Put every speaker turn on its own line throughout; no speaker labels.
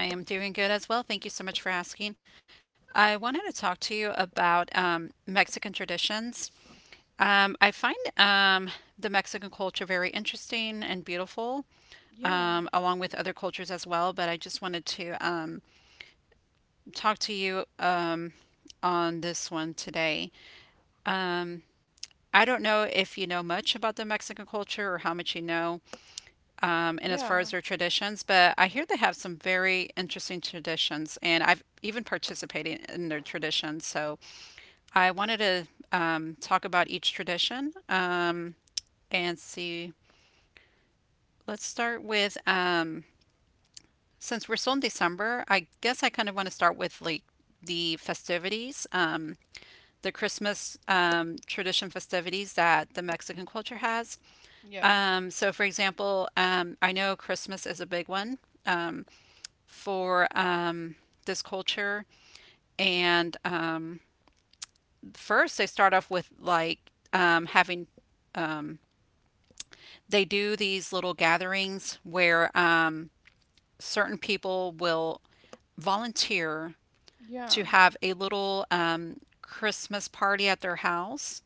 I am doing good as well. Thank you so much for asking. I wanted to talk to you about Mexican traditions. I find the Mexican culture very interesting and beautiful, along with other cultures as well. But I just wanted to talk to you on this one today. I don't know if you know much about the Mexican culture or how much you know, and as far as their traditions, but I hear they have some very interesting traditions, and I've even participated in their traditions. So I wanted to talk about each tradition and see. Let's start with since we're still in December. I guess I kind of want to start with like the festivities, the Christmas tradition festivities that the Mexican culture has. So, for example, I know Christmas is a big one for this culture. And first, they start off with like um, having, they do these little gatherings where certain people will volunteer to have a little Christmas party at their house.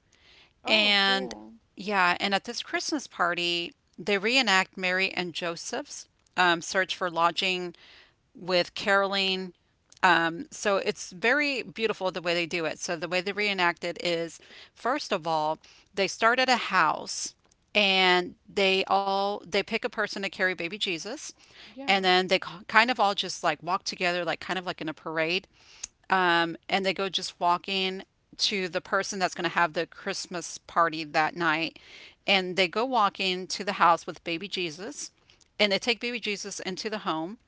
And yeah, and at this Christmas party, they reenact Mary and Joseph's search for lodging with Caroline. So it's very beautiful the way they do it. So the way they reenact it is, first of all, they start at a house, and they pick a person to carry baby Jesus, and then they kind of all just like walk together, like kind of like in a parade, and they go just walking to the person that's going to have the Christmas party that night, and they go walking to the house with baby Jesus, and they take baby Jesus into the home,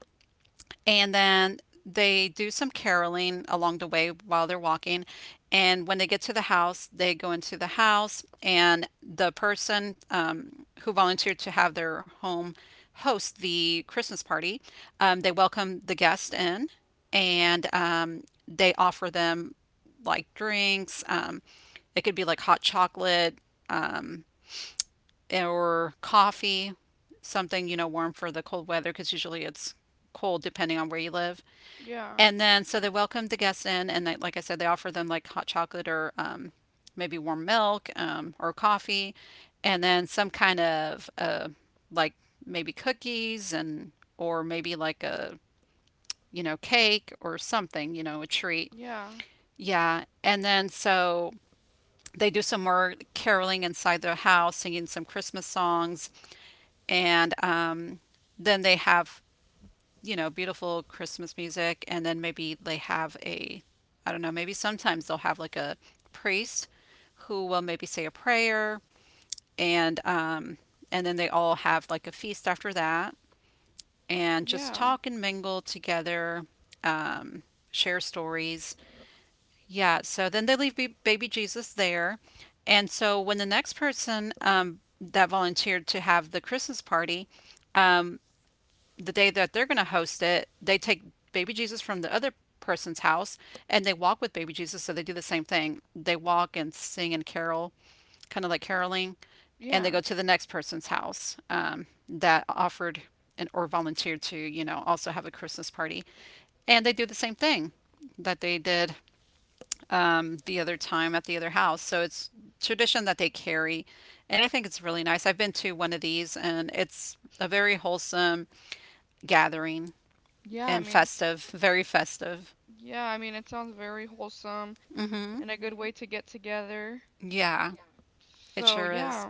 and then they do some caroling along the way while they're walking. And when they get to the house, they go into the house, and the person who volunteered to have their home host the Christmas party, they welcome the guest in, and they offer them like drinks. It could be like hot chocolate or coffee, something warm for the cold weather, because usually it's cold depending on where you live. And then, so they welcomed the guests in, and they, like I said, they offer them like hot chocolate or maybe warm milk or coffee, and then some kind of like maybe cookies and or maybe like a cake or something, a treat. Yeah, and then so they do some more caroling inside their house, singing some Christmas songs, and then they have beautiful Christmas music, and then maybe they have a, I don't know, maybe sometimes they'll have like a priest who will maybe say a prayer, and then they all have like a feast after that, and just talk and mingle together, um, share stories. Yeah, so then they leave baby Jesus there, and so when the next person that volunteered to have the Christmas party the day that they're going to host it, they take baby Jesus from the other person's house, and they walk with baby Jesus. So they do the same thing. They walk and sing and carol, kind of like caroling, and they go to the next person's house that offered and or volunteered to, also have a Christmas party. And they do the same thing that they did the other time at the other house. So it's tradition that they carry. And I think it's really nice. I've been to one of these, and it's a very wholesome gathering, and festive, very festive. Hmm. Yeah, it sure is.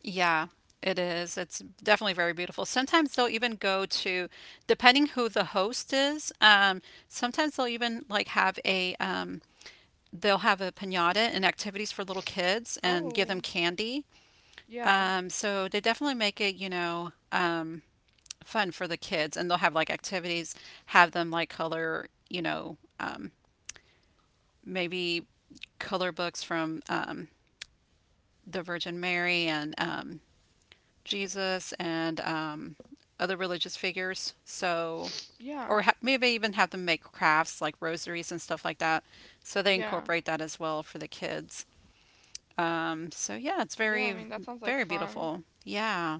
Yeah, it is. It's definitely very beautiful. Sometimes they'll even go to, depending who the host is, sometimes they'll even like have a, they'll have a pinata and activities for little kids and give them candy. So they definitely make it, fun for the kids, and they'll have like activities, have them like color, maybe color books from the Virgin Mary and Jesus and other religious figures. So, or ha maybe even have them make crafts like rosaries and stuff like that. So they incorporate that as well for the kids. So yeah, it's very, very beautiful. Yeah.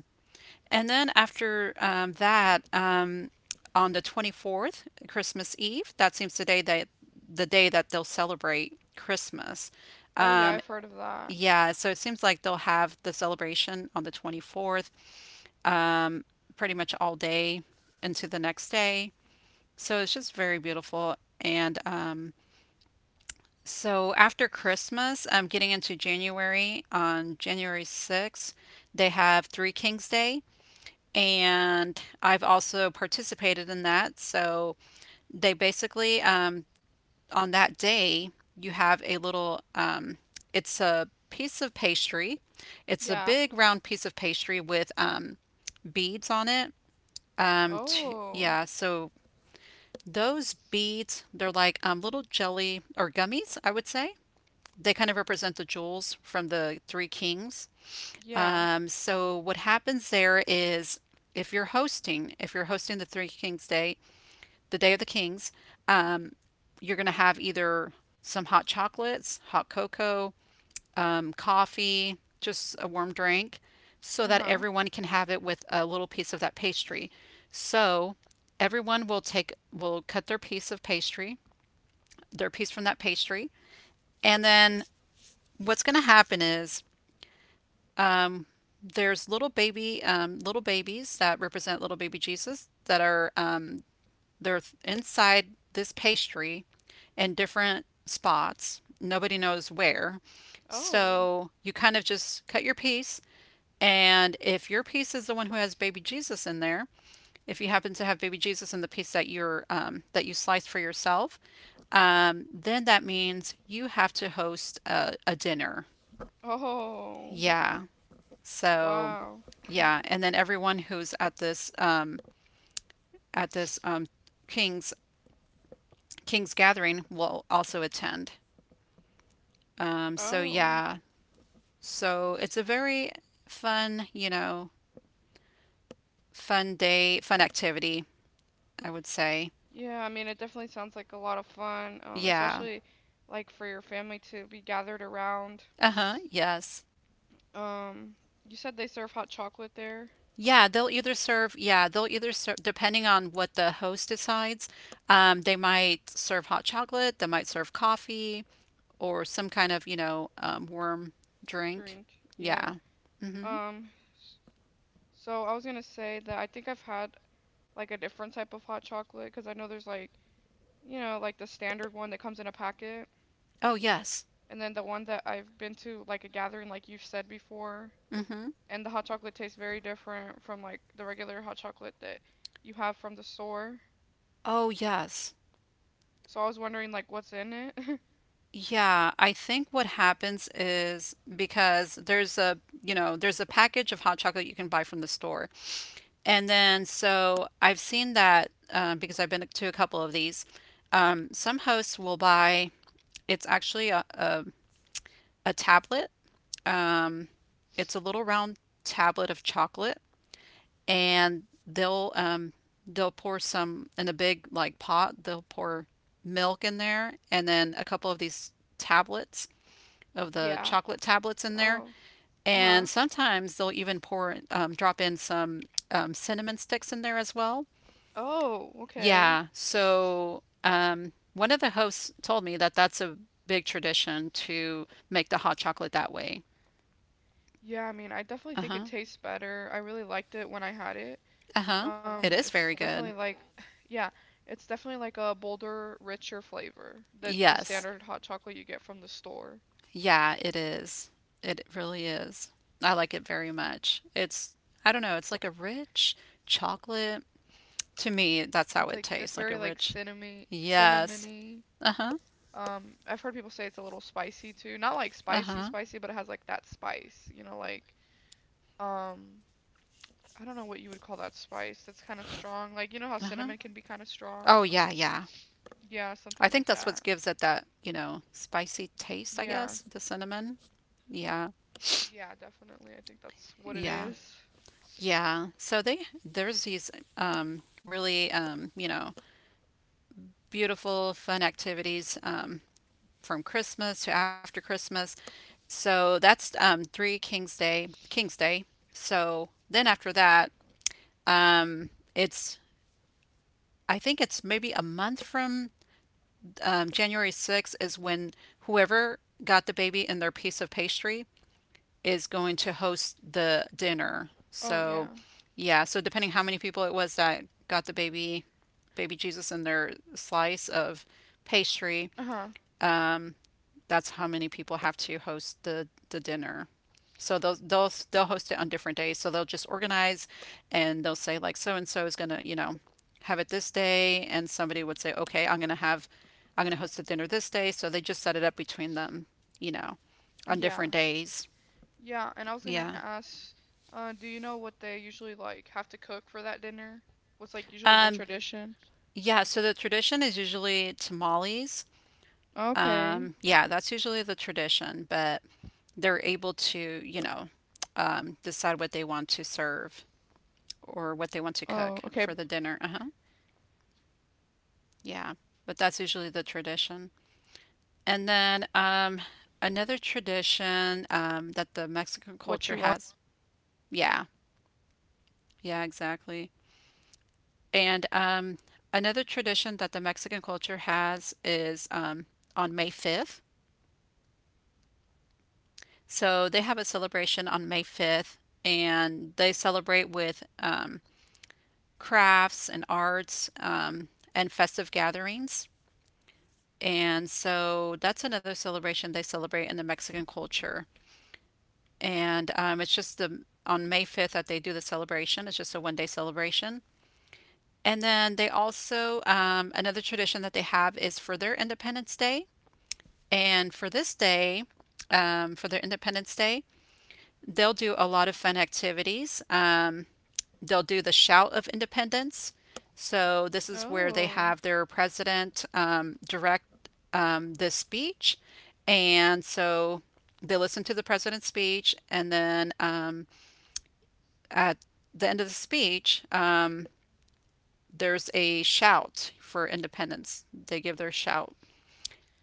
And then after that, on the 24th, Christmas Eve, that seems the day that they'll celebrate Christmas. Yeah, so it seems like they'll have the celebration on the 24th pretty much all day into the next day. So it's just very beautiful. And after Christmas, getting into January, on January 6th, they have Three Kings Day, and I've also participated in that. So they basically, on that day, you have a little, it's a piece of pastry. It's a big round piece of pastry with beads on it. Yeah, so those beads, they're like little jelly or gummies, I would say. They kind of represent the jewels from the three kings. So what happens there is, if you're hosting the Three Kings Day, the Day of the Kings, you're going to have either some hot chocolates, hot cocoa, coffee, just a warm drink, so that everyone can have it with a little piece of that pastry. So everyone will take, will cut their piece of pastry, their piece from that pastry, and then what's going to happen is there's little babies that represent little baby Jesus that are they're inside this pastry in different spots. Nobody knows where. So you kind of just cut your piece, and if your piece is the one who has baby Jesus in there, if you happen to have baby Jesus in the piece that you sliced for yourself, then that means you have to host a dinner. Yeah. So, yeah, and then everyone who's at this king's king's gathering will also attend. So yeah, so it's a very fun, fun day, fun activity, I would say. Yeah. Uh-huh. Yes. Yeah, they'll either serve, depending on what the host decides, they might serve hot chocolate, they might serve coffee, or some kind of, worm drink. Yeah. Hmm. Oh, yes. Hmm. Oh, yes. Yeah, I think what happens is, because there's a package of hot chocolate you can buy from the store. And then so I've seen that because I've been to a couple of these. Some hosts will buy, it's actually a tablet. Um, it's a little round tablet of chocolate, and they'll they'll pour some in a big like pot. They'll pour milk in there, and then a couple of these tablets of the chocolate tablets in there, and sometimes they'll even pour drop in some cinnamon sticks in there as well. Yeah, so one of the hosts told me that that's a big tradition to make the hot chocolate that way. Uh huh. Uh huh. It is very good. Yes. Yeah, it is. It really is. I like it very much. It's, I don't know, it's like a rich chocolate. To me, that's how it tastes, like a rich. Yes. Uh-huh. Uh-huh. Uh-huh. Oh yeah, yeah. I think that's what gives it that, spicy taste, I guess, the cinnamon. Yeah. Yeah. Yeah. So they there's these really beautiful fun activities from Christmas to after Christmas. So that's three King's Day. So then after that, it's I think it's maybe a month from January 6th is when whoever got the baby in their piece of pastry is going to host the dinner. So yeah, so depending how many people it was that got the baby, baby Jesus in their slice of pastry, that's how many people have to host the dinner. So they'll host it on different days. So they'll just organize, and they'll say like so and so is gonna have it this day, and somebody would say okay I'm gonna host the dinner this day. So they just set it up between them, you know, on different days. Yeah. Um. Yeah. So the tradition is usually tamales. Yeah, that's usually the tradition, but they're able to you know decide what they want to serve, or what they want to cook for the dinner. Uh huh. Yeah. But that's usually the tradition. And then another tradition that the Mexican culture has. Yeah. Yeah, exactly. And another tradition that the Mexican culture has is on May 5th. So they have a celebration on May 5th, and they celebrate with crafts and arts and festive gatherings. And so that's another celebration they celebrate in the Mexican culture. And it's just the on May 5th that they do the celebration. It's just a one-day celebration. And then they also another tradition that they have is for their Independence Day. And for this day, for their Independence Day, they'll do a lot of fun activities. They'll do the shout of independence. So this is where they
Oh.
have their president direct this speech, and so they listen to the president's speech, and then at the end of the speech, there's a shout for independence. They give their shout,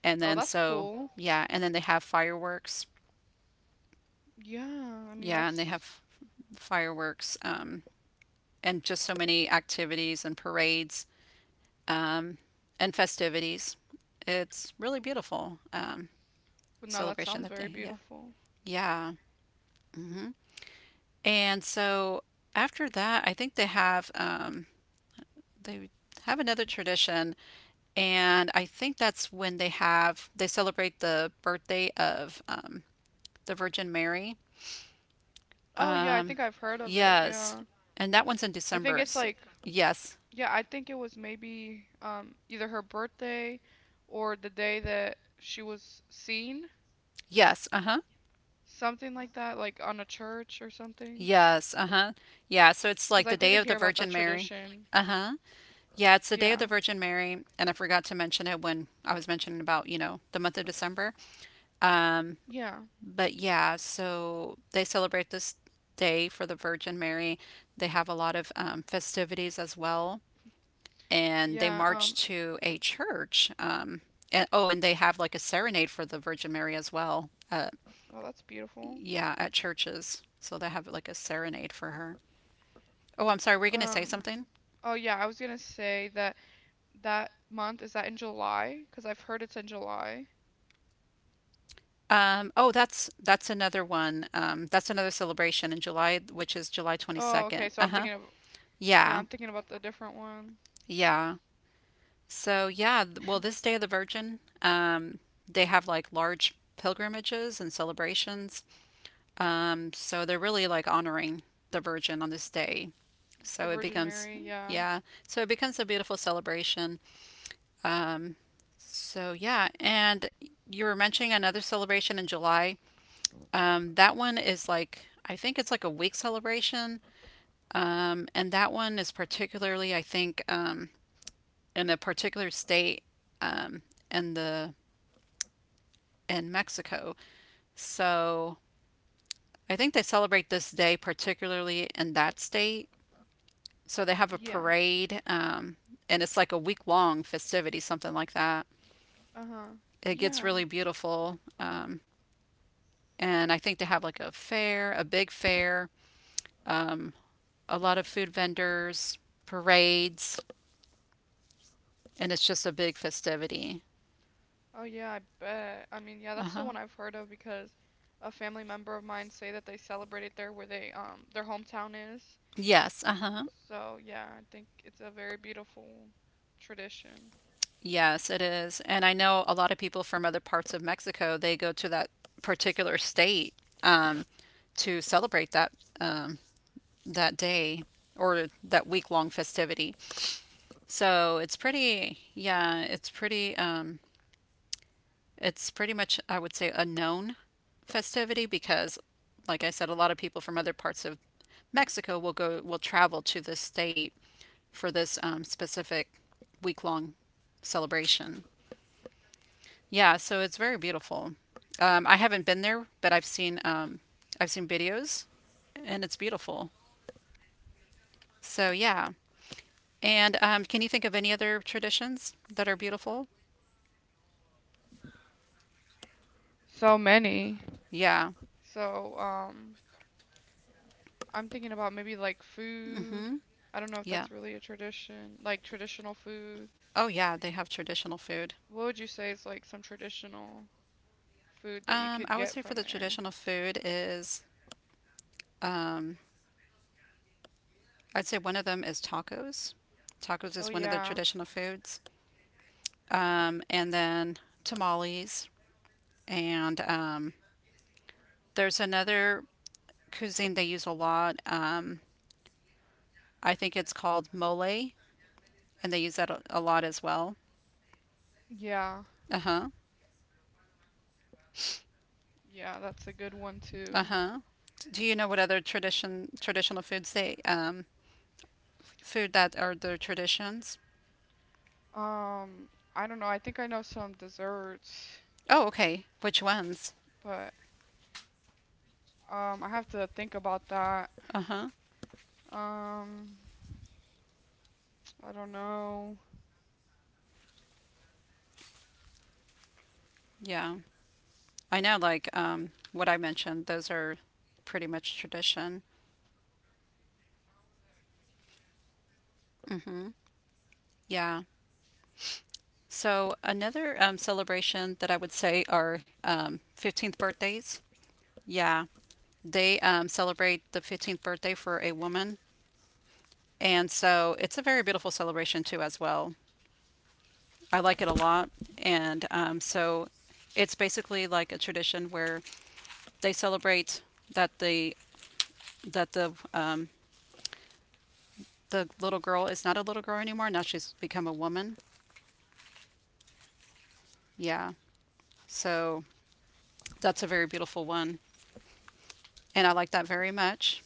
and
Oh,
then
that's
so
cool.
yeah, and then they have fireworks.
Yeah, I mean
Yeah, and they
that's
have fireworks and just so many activities and parades. um, and festivities. It's really beautiful
well, no, that
celebration
sounds
that
very
they, yeah.
beautiful.
Yeah. hmm And so after that, I think they have another tradition, and I think that's when they celebrate the birthday of the Virgin Mary.
Oh yeah, I think I've heard of it.
Yes,
Yeah.
and that one's in
I think
December.
it's
S
like
yes,
yeah, I think it was maybe either her birthday or the day that she was seen,
yes, uh huh,
something like that, like on a church or something.
yes, uh huh, yeah. So it's
'Cause
like
I
the
did
day
hear
of the
about that
Virgin Mary.
tradition.
Uh huh. Yeah, it's the day
Yeah.
of the Virgin Mary, and I forgot to mention it when I was mentioning about, the month of December. Um,
Yeah.
but yeah, so they celebrate this day for the Virgin Mary. They have a lot of festivities as well, and they
Yeah,
march to a church. And oh, and they have like a serenade for the Virgin Mary as well.
well, that's beautiful.
Yeah, at churches. So they have like a serenade for her. Oh, I'm sorry, were you going to say
Um
something?
Oh yeah, I was gonna say that that month? Is that in July? Because I've heard it's in July.
Oh, that's another one. That's another celebration in July, which is July
Oh, okay.
22nd.
So I'm thinking
Uh-huh.
of, yeah, I'm
Yeah.
thinking about the different one.
Yeah. So yeah, well, this Day of the Virgin, they have like large pilgrimages and celebrations. So they're really like honoring the Virgin on this day.
The
So it
Virgin
becomes,
Mary, yeah.
yeah, so it becomes a beautiful celebration. Um, so yeah, and you were mentioning another celebration in July. That one is like, I think it's like a week celebration. And that one is particularly, I think, in a particular state um, in the in Mexico. So I think they celebrate this day particularly in that state. So they have a
Yeah.
parade, and it's like a week long festivity, something like that.
Uh-huh.
It gets
Yeah.
really beautiful. And I think they have like a fair, a big fair, um, a lot of food vendors, parades. And it's just a big festivity.
Oh, yeah, I bet. I mean, yeah, that's the one
Uh-huh.
I've heard of because a family member of mine say that they celebrated there where they their hometown is.
Yes, uh-huh.
So, yeah, I think it's a very beautiful tradition.
Yes, it is. And I know a lot of people from other parts of Mexico, they go to that particular state to celebrate that um, that day or that week-long festivity. So it's pretty, yeah, it's pretty much I would say a known festivity because like I said, a lot of people from other parts of Mexico will travel to this state for this specific week long celebration. Yeah, so it's very beautiful. I haven't been there, but I've seen videos, and it's beautiful. So yeah, and can you think of any other traditions that are beautiful?
So many.
Yeah,
So, I'm thinking about maybe like food. I don't know if
yeah.
that's really a tradition, like traditional food.
Oh yeah, they have traditional food.
What would you say is like some traditional food that you could
I would
get
say for the
from there?
traditional food is um, I'd say one of them is tacos. Tacos is
Oh
one of the
yeah.
traditional foods, and then tamales. And there's another cuisine they use a lot. I think it's called mole, and they use that a lot as well.
Yeah.
Uh-huh.
Yeah, that's a good one too.
Uh-huh. Do you know what other traditional foods they food that are their traditions?
Um, I don't know. I think I know some desserts,
Oh, okay. Which ones?
but I have to think about that.
Uh-huh.
Um, I don't know.
Yeah. I know like what I mentioned, those are pretty much tradition. Yeah. So another celebration that I would say are 15th birthdays. Yeah. They celebrate the 15th birthday for a woman. And so it's a very beautiful celebration, too, as well. I like it a lot. And so it's basically like a tradition where they celebrate that the that the little girl is not a little girl anymore. Now she's become a woman. Yeah. So that's a very beautiful one, and I like that very much.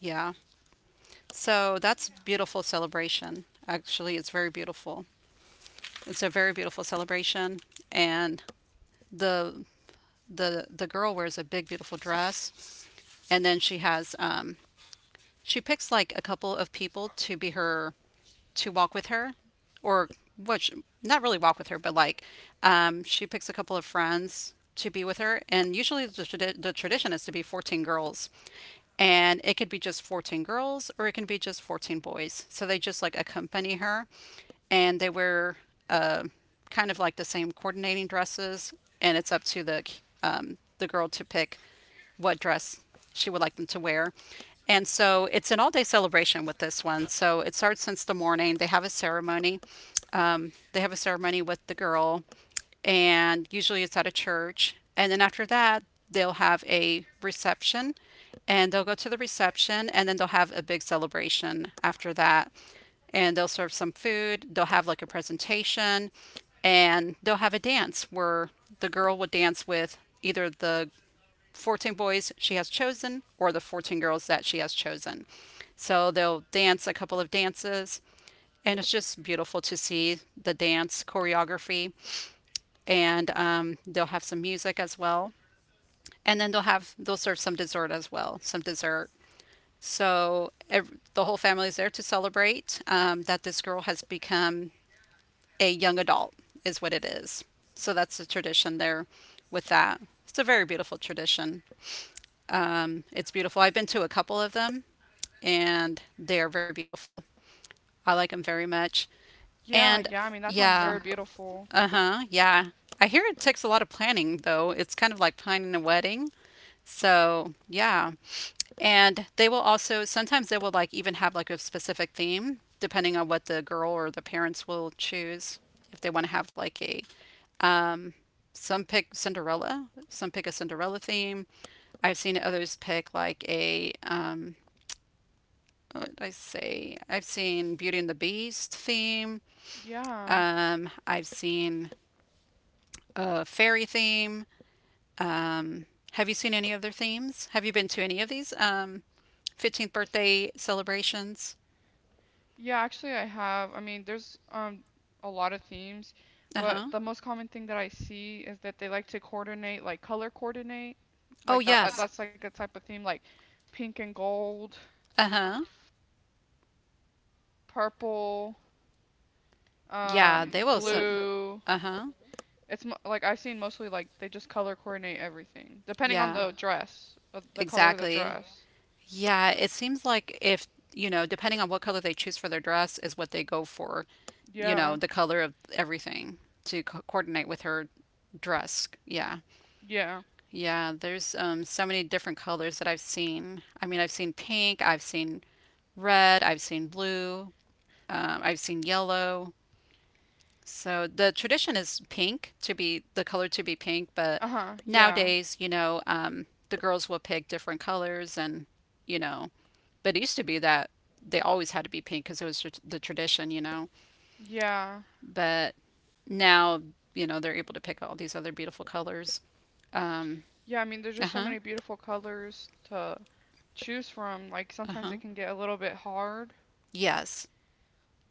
Yeah. So that's beautiful celebration. Actually, it's very beautiful. It's a very beautiful celebration, and the the girl wears a big beautiful dress, and then she picks like a couple of people to be her to walk with her or which not really walk with her but like she picks a couple of friends to be with her and usually the tradition is to be 14 girls and it could be just 14 girls or it can be just 14 boys so they just like accompany her and they wear uh, kind of like the same coordinating dresses and it's up to the girl to pick what dress she would like them to wear. And so it's an all day celebration with this one. So it starts since the morning. They have a ceremony. They have a ceremony with the girl, and usually it's at a church. And then after that, they'll have a reception and they'll go to the reception and then they'll have a big celebration after that. And they'll serve some food, they'll have like a presentation, and they'll have a dance where the girl would dance with either the 14 boys she has chosen or the 14 girls that she has chosen. So they'll dance a couple of dances, and it's just beautiful to see the dance choreography. And they'll have some music as well, and then they'll serve some dessert as well, some dessert. So ev the whole family is there to celebrate that this girl has become a young adult, is what it is. So that's the tradition there with that. It's a very beautiful tradition. It's beautiful. I've been to a couple of them and they are very beautiful. I like them very much.
Yeah,
And
yeah, I mean that sounds
yeah,
very Wow. beautiful.
uh-huh, yeah. I hear it takes a lot of planning though. It's kind of like planning a wedding. So, yeah. And they will also sometimes they will like even have like a specific theme depending on what the girl or the parents will choose. If they want to have like a some pick a Cinderella theme. I've seen others pick like a what did I say? I've seen Beauty and the Beast theme.
Yeah.
I've seen a fairy theme. Um, have you seen any other themes? Have you been to any of these? 15th birthday celebrations?
Yeah, actually, I have. I mean, there's a lot of themes,
Uh
but
huh.
the most common thing that I see is that they like to coordinate, like color coordinate,
Oh,
like that.
yes.
That's like a type of theme, like pink and gold,
Uh huh.
purple,
Yeah, they will. So,
blue.
uh huh.
It's mo Like I've seen mostly like they just color coordinate everything, depending on
Yeah,
the dress, the color of the
exactly.
dress.
Yeah, it seems like if, you know, depending on what color they choose for their dress, is what they go for, you know,
Yeah,
the color of everything to co coordinate with her dress. Yeah.
yeah.
Yeah, there's so many different colors that I've seen. I mean, I've seen pink, I've seen red, I've seen blue, I've seen yellow. So the tradition is pink to be pink, but
Uh-huh, yeah.
nowadays, the girls will pick different colors and, you know, but it used to be that they always had to be pink because it was tr the tradition, you know.
Yeah.
But now, you know, they're able to pick all these other beautiful colors. Um,
Yeah, I mean, there's just so
uh-huh,
many beautiful colors to choose from. Like sometimes
uh-huh.
it can get a little bit hard,
Yes.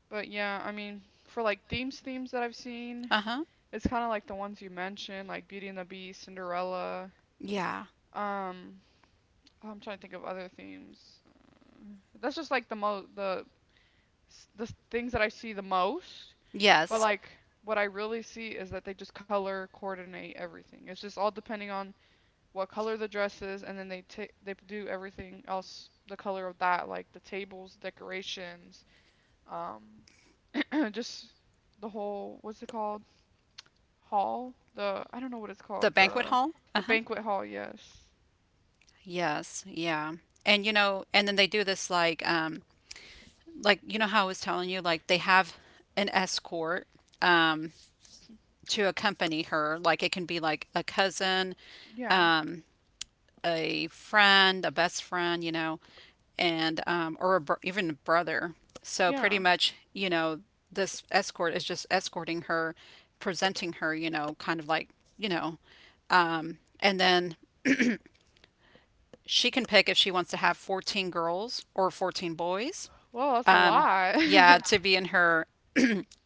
but yeah, I mean, for like themes that I've seen,
Uh-huh.
it's kind of like the ones you mentioned, like Beauty and the Beast, Cinderella.
Yeah.
Um, oh, I'm trying to think of other themes. That's just like the mo the things that I see the most. But
Yes.
like what I really see is that they just color coordinate everything. It's just all depending on what color the dress is, and then they do everything else the color of that, like the tables, decorations, um, and just the whole what's it called hall, the I don't know what it's
The
called the
banquet
banquet
hall?
hall. The
Uh-huh.
banquet hall, yes.
Yes. Yeah. And you know, and then they do this like you know how I was telling you like they have an escort um to accompany her. Like it can be like a cousin,
Yeah.
um a friend, a best friend, you know, and or a br even a brother. So pretty
Yeah.
much, you know, this escort is just escorting her, presenting her, you know, kind of like, you know, and then she can pick if she wants to have 14 girls or 14 boys.
Well, that's a lot.
Yeah, to be in her,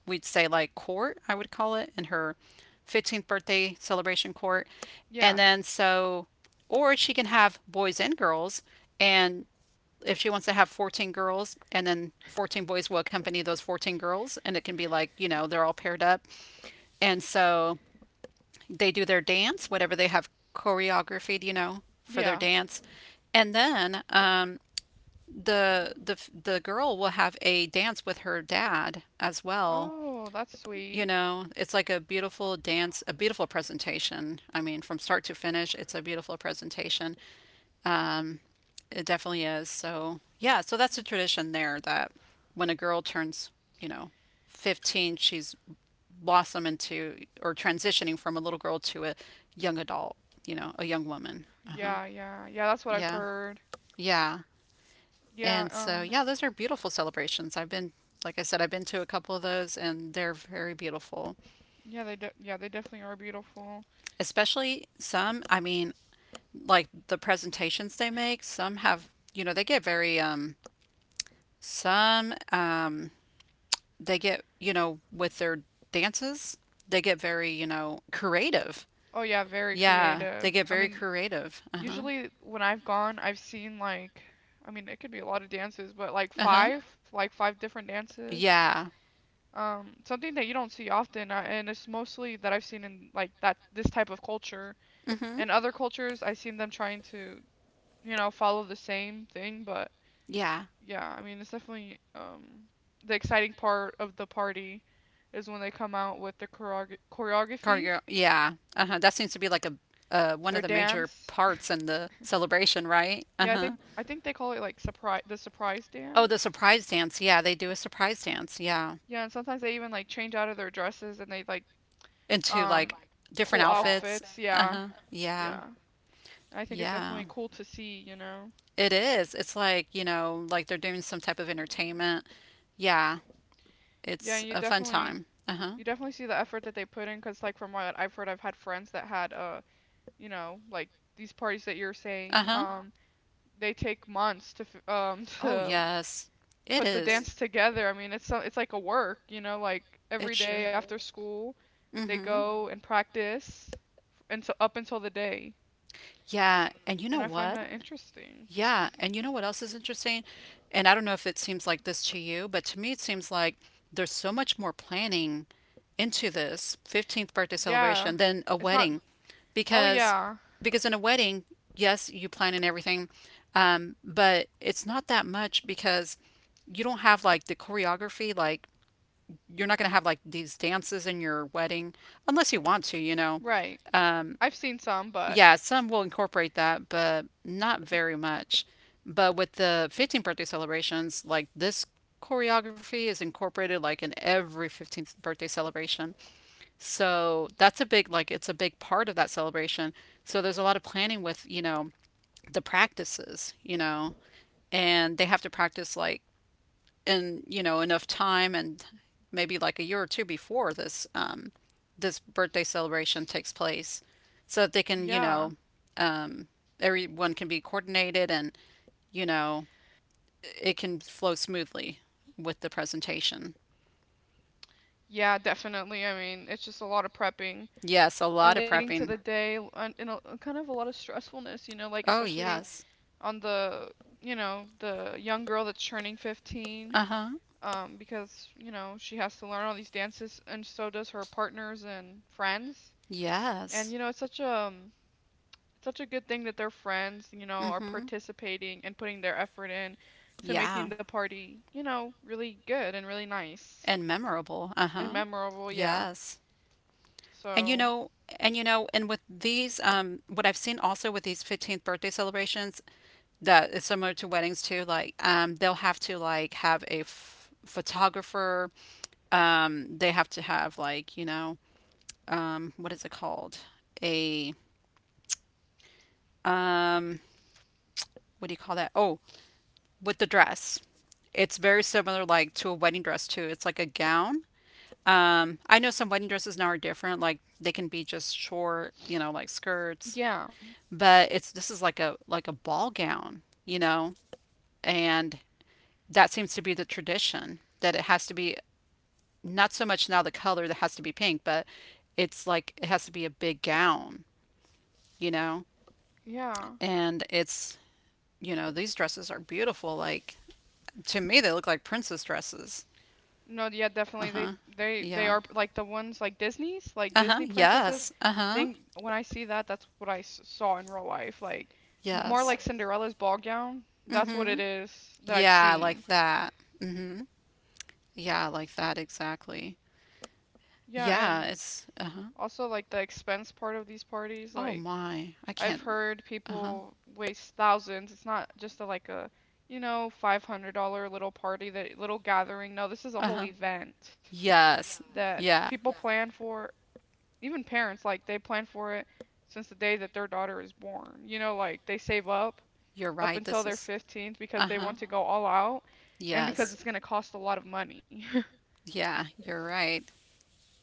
we'd say like court, I would call it, in her 15th birthday celebration court. And
Yeah.
then so, or she can have boys and girls. And if she wants to have 14 girls and then 14 boys will accompany those 14 girls and it can be like you know they're all paired up and so they do their dance whatever they have choreographed you know for their
Yeah.
dance and then the the the girl will have a dance with her dad as well.
Oh, that's
You
sweet.
know, it's like a beautiful dance, a beautiful presentation. I mean, from start to finish, it's a beautiful presentation. Um, it definitely is. So, yeah, so that's a tradition there that when a girl turns, you know, 15, she's blossom into or transitioning from a little girl to a young adult, a young woman. Uh-huh.
Yeah, yeah, yeah, that's what I've
Yeah.
heard.
Yeah.
Yeah,
And so, yeah, those are beautiful celebrations. I've been, like I said, I've been to a couple of those and they're very beautiful.
yeah, they yeah, they definitely are beautiful.
Especially some, I mean, like the presentations they make, some have, they get very, some, um, they get, with their dances, they get very, creative.
Oh yeah, very
Yeah, they
creative.
get
I
very
mean,
creative. Uh huh.
usually when I've gone, I've seen like, I mean, it could be a lot of dances, but like
Uh huh.
five, like five different dances.
Yeah.
Something that you don't see often, and it's mostly that I've seen in like that this type of culture
Mm hmm.
and other cultures. I've seen them trying to, you know, follow the same thing, but
Yeah.
yeah, I mean, it's definitely the exciting part of the party is when they come out with the choreography,
Cargo, yeah. Uh-huh. That seems to be like a one
their
of the major
dance.
parts in the celebration, right?
Yeah, I
Uh-huh.
think they call it like surprise
Oh, the
dance.
surprise dance. Yeah, they do a surprise dance. Yeah.
Yeah, and sometimes they even like change out of their dresses and they like
Into
um
like different
cool
outfits.
outfits. Yeah,
Uh-huh. Yeah.
yeah. I think it's
Yeah.
definitely cool to see, you know.
It is. It's like, like they're doing some type of entertainment. Yeah.
Yeah,
It's a fun time. Uh-huh.
you definitely see the effort that they put in, because like from what I've heard, I've had friends that had you know, like these parties that you're saying,
Uh-huh.
um, they take months to
Oh,
to
yes. It
put the
is.
dance together. I mean, it's so, it's like a work, you know, like
It
every day
sure.
after school, they
Mm-hmm.
go and practice until up until the day.
Yeah, and you know
And I find
what?
that interesting.
Yeah, and you know what else is interesting? And I don't know if it seems like this to you, but to me it seems like there's so much more planning into this 15th birthday
Yeah.
celebration than a
It's not
wedding
Oh
because
yeah,
because in a wedding, yes, you plan and everything, but it's not that much because you don't have like the choreography, like you're not gonna have like these dances in your wedding unless you want to, you know.
right.
Um,
I've seen some, but
yeah, some will incorporate that, but not very much. But with the 15th birthday celebrations, like this choreography is incorporated like in every 15th birthday celebration. So that's a big, like, it's a big part of that celebration. So there's a lot of planning with, the practices, and they have to practice like in enough time and maybe like a year or two before this birthday celebration takes place, so that they can
yeah.
um, everyone can be coordinated and you know it can flow smoothly with the presentation.
Yeah, definitely. I mean, it's just a lot of prepping,
Yes, a
a lot
lot of
leading of to the prep
prepping.
day, kind of a lot of stressfulness, you know, like Oh,
Oh
especially yeah.
yes.
On the, you know, the young girl that's turning 15,
Uh huh.
because, you know, she has to learn all these dances, and so does her partners and friends. And,
Yes.
you know, it's such a, such a good thing that their friends, you know,
Mm
are
hmm.
participating and putting their effort in to
Yeah.
making the party, you know, really good and really nice
And memorable. Uh
and
huh.
memorable, yeah.
Yes. And you
So,
know, and with these, what I've seen also with these 15th birthday celebrations that is similar to weddings too, like, they'll have to like have a f photographer. They have to have like, what is it called? A, um, what do you call that? Oh, with the dress. It's very similar like to a wedding dress too. It's like a gown. I know some wedding dresses now are different, like they can be just short, like skirts.
yeah.
But it's this is like a ball gown, and that seems to be the tradition that it has to be not so much now the color that has to be pink, but it's like it has to be a big gown, you know,
Yeah.
and it's these dresses are beautiful. Like to me, they look like princess dresses.
No, yeah,
Uh
definitely. They
huh.
they they
Yeah.
are like the ones like Disney's, like
Uh huh.
Disney princesses.
Yes. Uh huh.
Think when I see that, that's what I saw in real life. Like more like
Yes.
Cinderella's ball gown.
Mm
That's what
hmm.
it is that I've
Yeah,
seen.
like that. Mm hmm. Yeah, like that exactly.
Yeah,
Yeah,
and
it's uh huh.
also like the expense part of these parties,
Oh
like
my, I
I've
can't.
heard
Uh-huh.
people waste thousands. It's not just a, like a, you know, $500 little party, that little gathering. No, this is a whole
Uh-huh.
event
Yes.
that
Yeah.
people plan for, even parents like they plan for it since the day that their daughter is born. You know, like they save up
You're right.
until
This
they're
is
15 because they want
Uh-huh.
to go all out, and because
Yes.
it's going to cost a lot of money.
Yeah, you're right.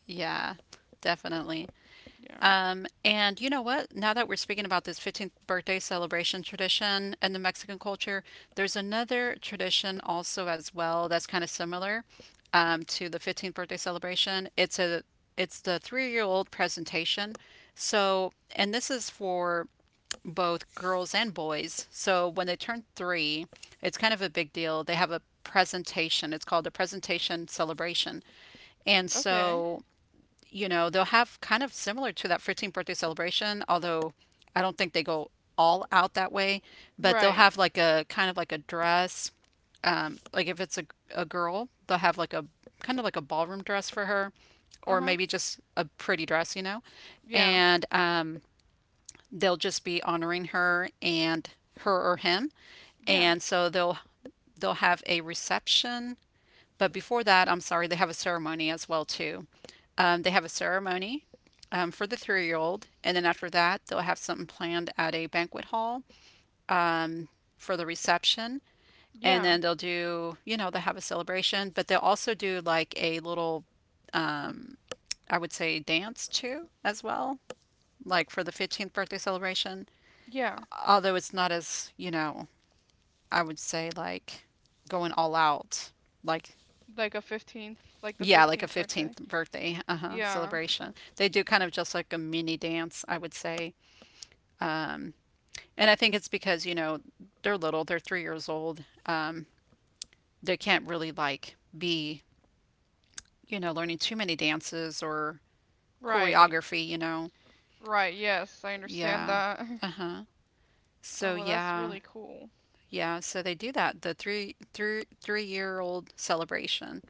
Yeah. Definitely.
Yeah.
And you know what? Now that we're speaking about this 15th birthday celebration tradition in the Mexican culture, there's another tradition also as well that's kind of similar to the 15th birthday celebration. It's the three-year-old presentation. So, and this is for both girls and boys. So when they turn three, it's kind of a big deal. They have a presentation. It's called a presentation celebration. And
Okay.
so, they'll have kind of similar to that 15th birthday celebration, although I don't think they go all out that way, but they'll
Right.
have like a kind of like a dress. Like if it's a girl, they'll have like a kind of like a ballroom dress for her, or
Uh-huh.
maybe just a pretty dress, you know?
Yeah.
And they'll just be honoring her and her or him.
Yeah.
And so they'll have a reception, but before that, I'm sorry, they have a ceremony as well too. They have a ceremony for the three-year-old, and then after that, they'll have something planned at a banquet hall for the reception, and
Yeah.
then they'll do, you know, they'll have a celebration, but they'll also do like a little, I would say, dance too as well, like for the 15th birthday celebration.
Yeah.
Although it's not as, I would say like going all out, like
Like a 15th, like the
yeah, like a
15th birthday.
15th birthday, uh-huh,
Yeah.
celebration. They do kind of just like a mini dance, I would say. Um, and I think it's because, they're little, they're 3 years old. They can't really like be, learning too many dances or
Right.
choreography.
Right. Yes, I understand
Yeah.
that.
Uh-huh.
Oh,
So
well, that's
yeah,
really cool.
yeah. So they do that, the three year old celebration.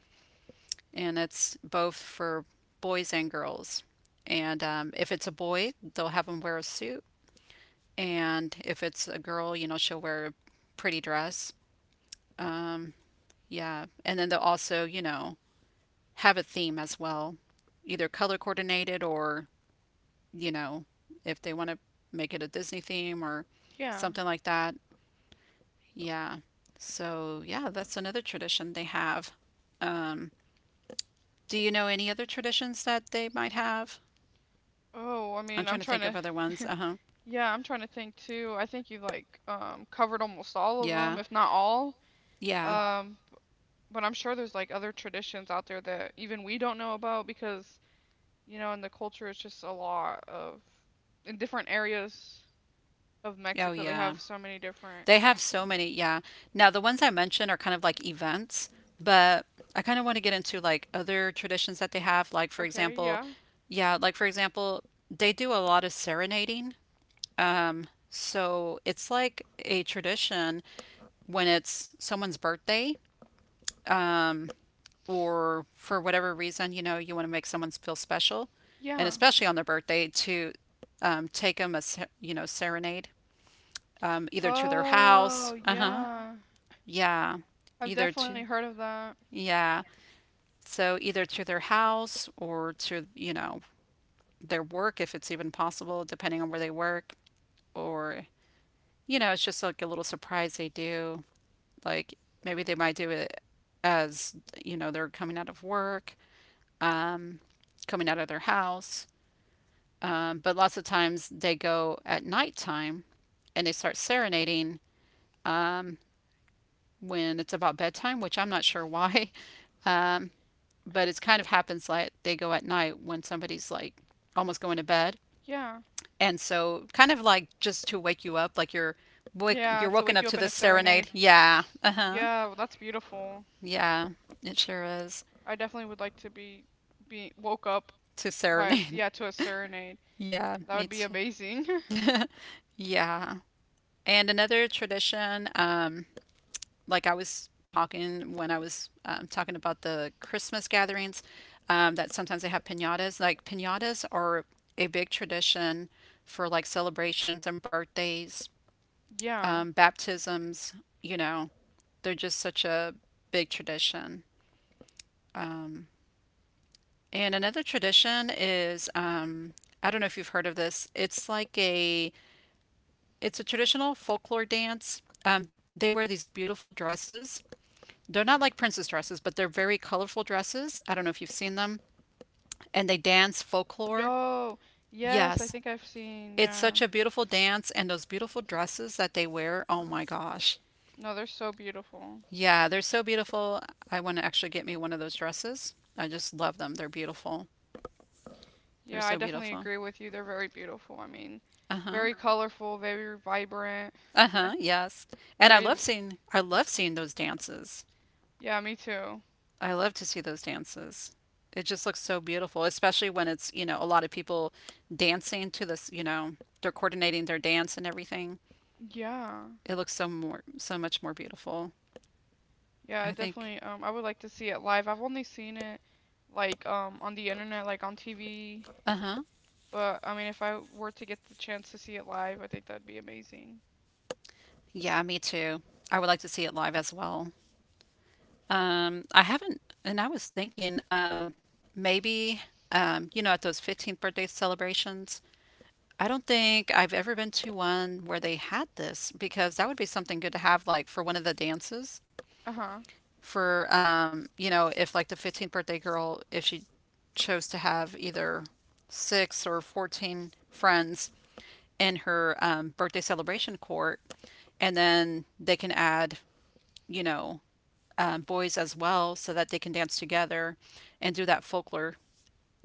And it's both for boys and girls. And if it's a boy, they'll have him wear a suit, and if it's a girl, she'll wear a pretty dress. Um, yeah, and then they'll also, have a theme as well, either color coordinated or, you know, if they want to make it a Disney theme or
Yeah.
something like that. Yeah. So, yeah, that's another tradition they have. Um, do you know any other traditions that they might have?
Oh, I
I'm
mean, I'm
trying to
trying
think of
to
other ones. Uh-huh.
Yeah, I'm trying to think too. I think you like covered almost all of them,
Yeah.
if not all.
Yeah.
Um, but I'm sure there's like other traditions out there that even we don't know about, because, you know, in the culture it's just a lot of in different areas of
Oh,
Mexico they
yeah.
have so many different.
They have so many. Yeah. Now, the ones I mentioned are kind of like events, but I kind of want to get into like other traditions that they have. Like, for
Okay,
example,
yeah.
yeah, like, for example, they do a lot of serenading. So it's like a tradition when it's someone's birthday. um, or for whatever reason, you want to make someone feel special, and
Yeah.
especially on their birthday, to take them a serenade, either to their house,
Oh,
uh huh,
yeah.
yeah,
I've
either
definitely
to
heard of that.
yeah, so either to their house or to their work if it's even possible, depending on where they work, or it's just like a little surprise they do, like maybe they might do it as they're coming out of work, um, coming out of their house. But lots of times they go at nighttime and they start serenading um, when it's about bedtime, which I'm not sure why. Um, but it's kind of happens like they go at night when somebody's like almost going to bed.
Yeah.
And so kind of like just to wake you up, like you're
Yeah,
wake,
to
you're
wake you up
woken
in
up
a
to this
serenade.
serenade. Yeah. Uh-huh.
Yeah, well, that's beautiful.
Yeah. It sure is.
I definitely would like to be woke up
To
By a s
serenade.
yeah, to a serenade.
Yeah,
That would
me
be
too.
amazing.
Yeah. And another tradition, like I was talking when I was talking about the Christmas gatherings, that sometimes they have pinatas. Like pinatas are a big tradition for like celebrations and birthdays,
Yeah.
baptisms. You know, they're just such a big tradition. Um, and another tradition is I don't know if you've heard of this. It's a traditional folklore dance. They wear these beautiful dresses. They're not like princess dresses, but they're very colorful dresses. I don't know if you've seen them. And they dance folklore.
Yo, yes, I
Yes.
think I've seen,
It's
yeah.
such a beautiful dance, and those beautiful dresses that they wear. Oh my gosh.
No, they're so beautiful.
Yeah, they're so beautiful. I want to actually get me one of those dresses. I just love them. They're beautiful. They're
Yeah, I
so
definitely
beautiful.
agree with you. They're very beautiful. I mean,
Uh-huh.
very colorful, very vibrant,
Uh-huh. Yes. And I
very,
love
l-
seeing I love seeing those dances.
yeah, me too.
I love to see those dances. It just looks so beautiful, especially when it's, a lot of people dancing to this, they're coordinating their dance and everything.
Yeah.
It looks so much more beautiful,
Yeah, I
I think.
definitely I would like to see it live. I've only seen it like on the internet, like on TV,
Uh-huh.
but I mean if I were to get the chance to see it live, I think that'd be amazing.
Yeah, me too. I would like to see it live as well. I haven't, and I was thinking, maybe, at those 15th birthday celebrations, I don't think I've ever been to one where they had this because that would be something good to have, like, for one of the dances.
Uh-huh.
For if like the 15th birthday girl, if she chose to have either six or 14 friends in her birthday celebration court, and then they can add, you know, boys as well so that they can dance together and do that folklore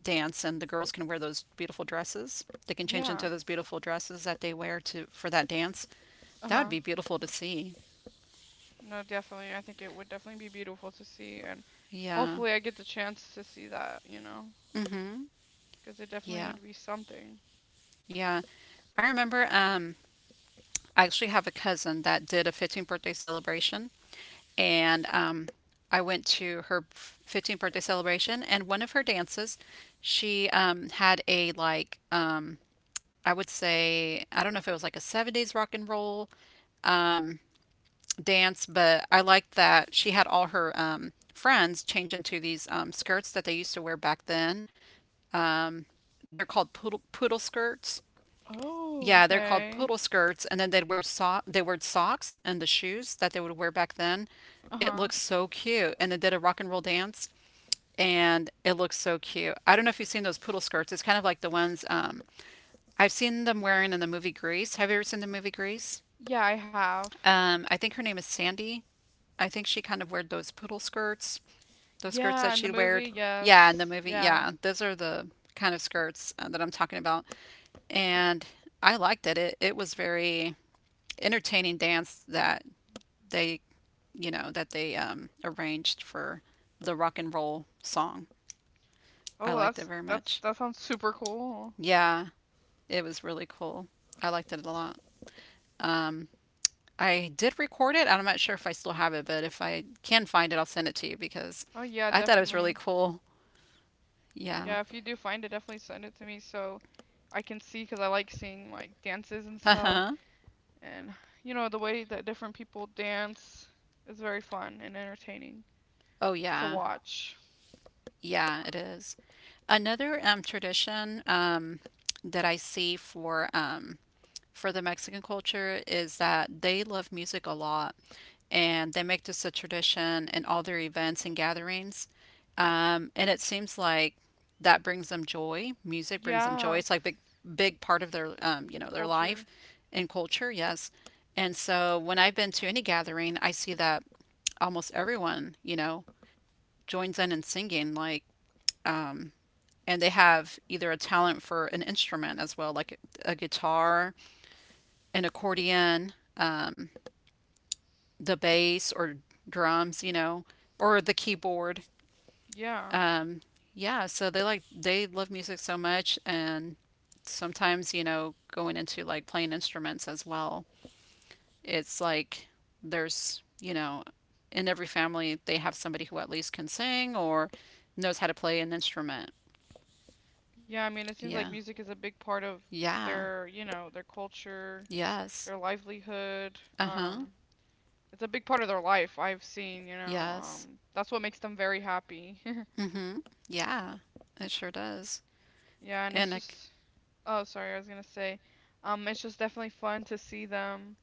dance, and the girls can wear those beautiful dresses, they can change
Yeah.
into those beautiful dresses that they wear to for that dance. That
Uh-huh.
would be beautiful to see.
No, definitely. I think it would definitely be beautiful to see, and
Yeah.
hopefully I get the chance to see that, you know,
Mhm.
because it definitely
yeah
would be something.
yeah. I remember. I actually have a cousin that did a 15th birthday celebration, and I went to her 15th birthday celebration, and one of her dances, she had a I would say, I don't know if it was like a 70s rock and roll dance, but I liked that she had all her friends change into these skirts that they used to wear back then. Um, they're called poodle skirts.
Oh,
Yeah, they're called
okay.
poodle skirts, and then they'd wear so they wore socks and the shoes that they would wear back then. It
Uh-huh.
looks so cute, and they did a rock and roll dance, and it looks so cute. I don't know if you've seen those poodle skirts. It's kind of like the ones I've seen them wearing in the movie Grease. Have you ever seen the movie Grease?
Yeah, I have.
I think her name is Sandy. I think she kind of wore those poodle skirts, those skirts that
Yeah, in the
she'd wear.
movie,
Yeah, in the
yes.
movie.
Yeah.
Yeah, those are the kind of skirts that I'm talking about, and I liked it. It was very entertaining dance that they that they arranged for the rock and roll song. I
Oh, well,
liked it very much.
that sounds super cool.
Yeah, it was really cool. I liked it a lot. Um, I did record it. I'm not sure if I still have it, but if I can find it, I'll send it to you because
Oh yeah,
I thought it was really
definitely.
cool.
Yeah,
Yeah.
if you do find it, definitely send it to me so I can see, because I like seeing like dances and
Uh
stuff,
huh.
and you know the way that different people dance is very fun and entertaining
Oh
to
yeah.
watch.
Yeah, it is. Another tradition that I see for the Mexican culture is that they love music a lot, and they make this a tradition in all their events and gatherings. And it seems like that brings them joy. Music brings them joy.
Yeah,
It's like big big part of their their life
culture.
and culture. Yes. And so when I've been to any gathering, I see that almost everyone joins in and singing. Like um, and they have either a talent for an instrument as well, like a guitar, an accordion, the bass or drums, you know, or the keyboard.
Yeah.
Um, yeah, so they like they love music so much, and sometimes going into like playing instruments as well. It's like there's in every family they have somebody who at least can sing or knows how to play an instrument.
Yeah, I mean, it seems like
Yeah.
music is a big part of
Yeah.
their, you know, their culture,
Yes.
their livelihood.
Uh huh.
It's a big part of their life, I've seen, you know.
Yes.
That's what makes them very happy.
Mm hmm. Yeah. It sure does.
Yeah, and
And
it's
a,
just, oh, sorry, I was gonna say, it's just definitely fun to see them,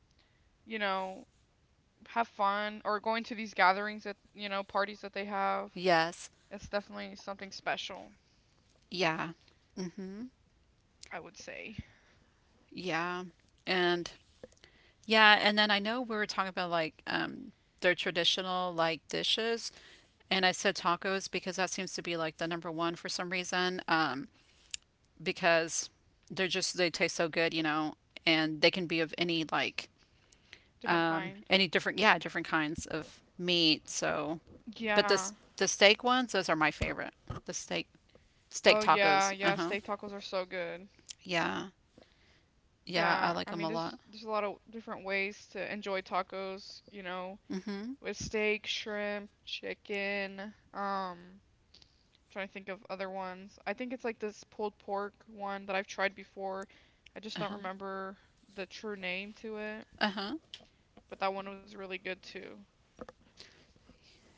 you know, have fun or going to these gatherings that, you know, parties that they have.
yes.
It's definitely something special,
Yeah. Mm hmm.
I would say.
Yeah. And yeah, and then I know we were talking about like their traditional like dishes, and I said tacos because that seems to be like the number one for some reason. Because they're just they taste so good, you know, and they can be of any like
Different kind.
any different yeah, different kinds of meat. So, but
Yeah.
this the steak ones, those are my favorite. The steak
Oh yeah,
tacos.
yeah,
Uh-huh.
steak tacos are so good.
Yeah. Yeah, I
Yeah,
like
I
them
mean
a lot.
there's a lot of different ways to enjoy tacos, you know,
Uh
with steak, shrimp, chicken, trying to think of other ones. I think it's like this pulled pork one that I've tried before. I just don't
huh.
remember the true name to it,
Uh-huh.
but that one was really good too.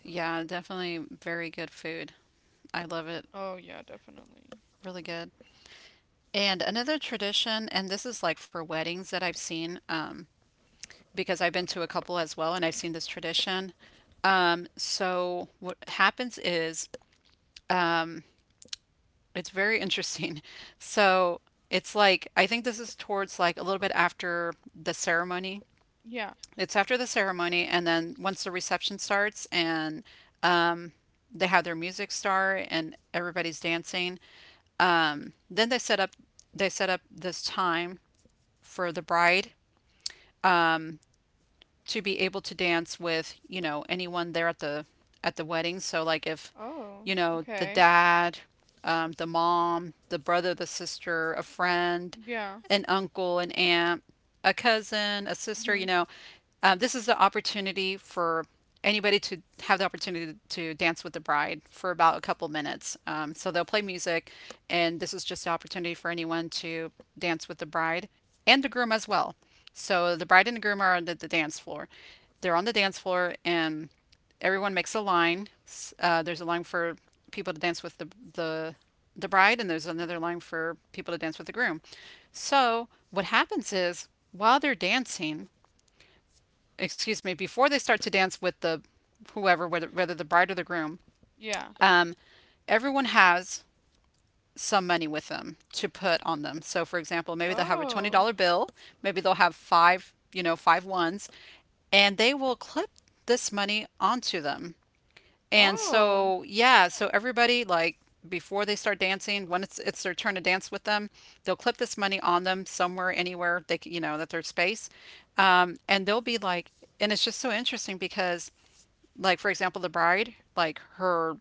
Yeah, definitely very good food. I love it.
Oh yeah, definitely.
Really good. And another tradition, and this is like for weddings that I've seen, because I've been to a couple as well, and I've seen this tradition. So what happens is, um, it's very interesting. So it's like, I think this is towards like a little bit after the ceremony.
Yeah.
It's after the ceremony, and then once the reception starts, and um, they have their music start, and everybody's dancing. Then they set up this time for the bride to be able to dance with anyone there at the wedding. So like if
Oh,
the
okay.
dad, the mom, the brother, the sister, a friend,
Yeah.
an uncle, an aunt, a cousin, a sister. You
Mhm.
know, this is the opportunity for anybody to have the opportunity to dance with the bride for about a couple minutes. So they'll play music, and this is just an opportunity for anyone to dance with the bride and the groom as well. So the bride and the groom are on the dance floor. They're on the dance floor, and everyone makes a line. There's a line for people to dance with the the bride, and there's another line for people to dance with the groom. So what happens is while they're dancing, excuse me, before they start to dance with the whoever, whether the bride or the groom,
Yeah.
um, everyone has some money with them to put on them. So, for example, maybe they'll have a
Oh.
$20 bill, maybe they'll have five, you know, five ones, and they will clip this money onto them and
Oh.
so, yeah, so everybody like before they start dancing, when it's their turn to dance with them, they'll clip this money on them somewhere, anywhere they you know that there's space, and they'll be like, and it's just so interesting because like for example, the bride, like her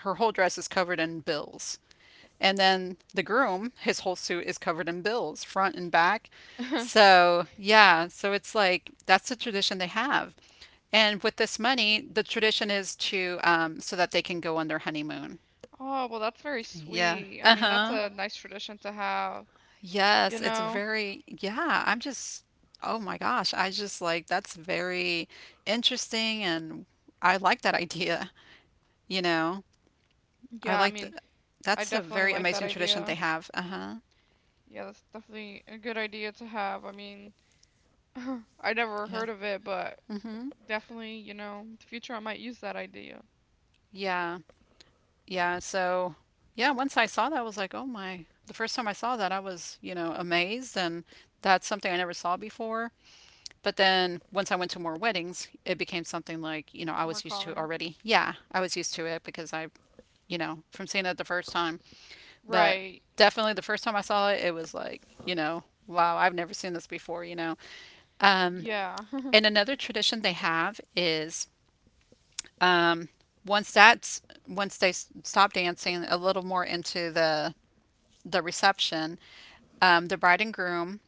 her whole dress is covered in bills. And then the groom, his whole suit is covered in bills, front and back. So, yeah, so it's like that's the tradition they have. And with this money, the tradition is to so that they can go on their honeymoon.
Oh, well, that's very
Yeah.
sweet. I mean, that's
Uh-huh.
a nice tradition to have, you
Yes, it's
know?
very, yeah, I'm just, oh my gosh, I just like that's very interesting and I like that idea, you know. I
Yeah, I
like the
mean, I
that's a
definitely
very
like that
amazing tradition they
idea.
have. Uh-huh.
Yeah, that's definitely a good idea to have. I mean, I never
Yeah.
heard of it, but
Mhm.
definitely, you know, in the future I might use that idea
Yeah. Yeah, so yeah, once I saw that, I was like, "Oh my." The first time I saw that, I was, you know, amazed and that's something I never saw before. But then once I went to more weddings, it became something like, you know, I
more
was used to
common.
already. Yeah, I was used to it because I, you know, from seeing it the first time. But
Right.
definitely the first time I saw it, it was like, you know, wow, I've never seen this before, you know. Um,
Yeah.
and another tradition they have is Um, once that's once they stop dancing a little more into the reception, the bride and groom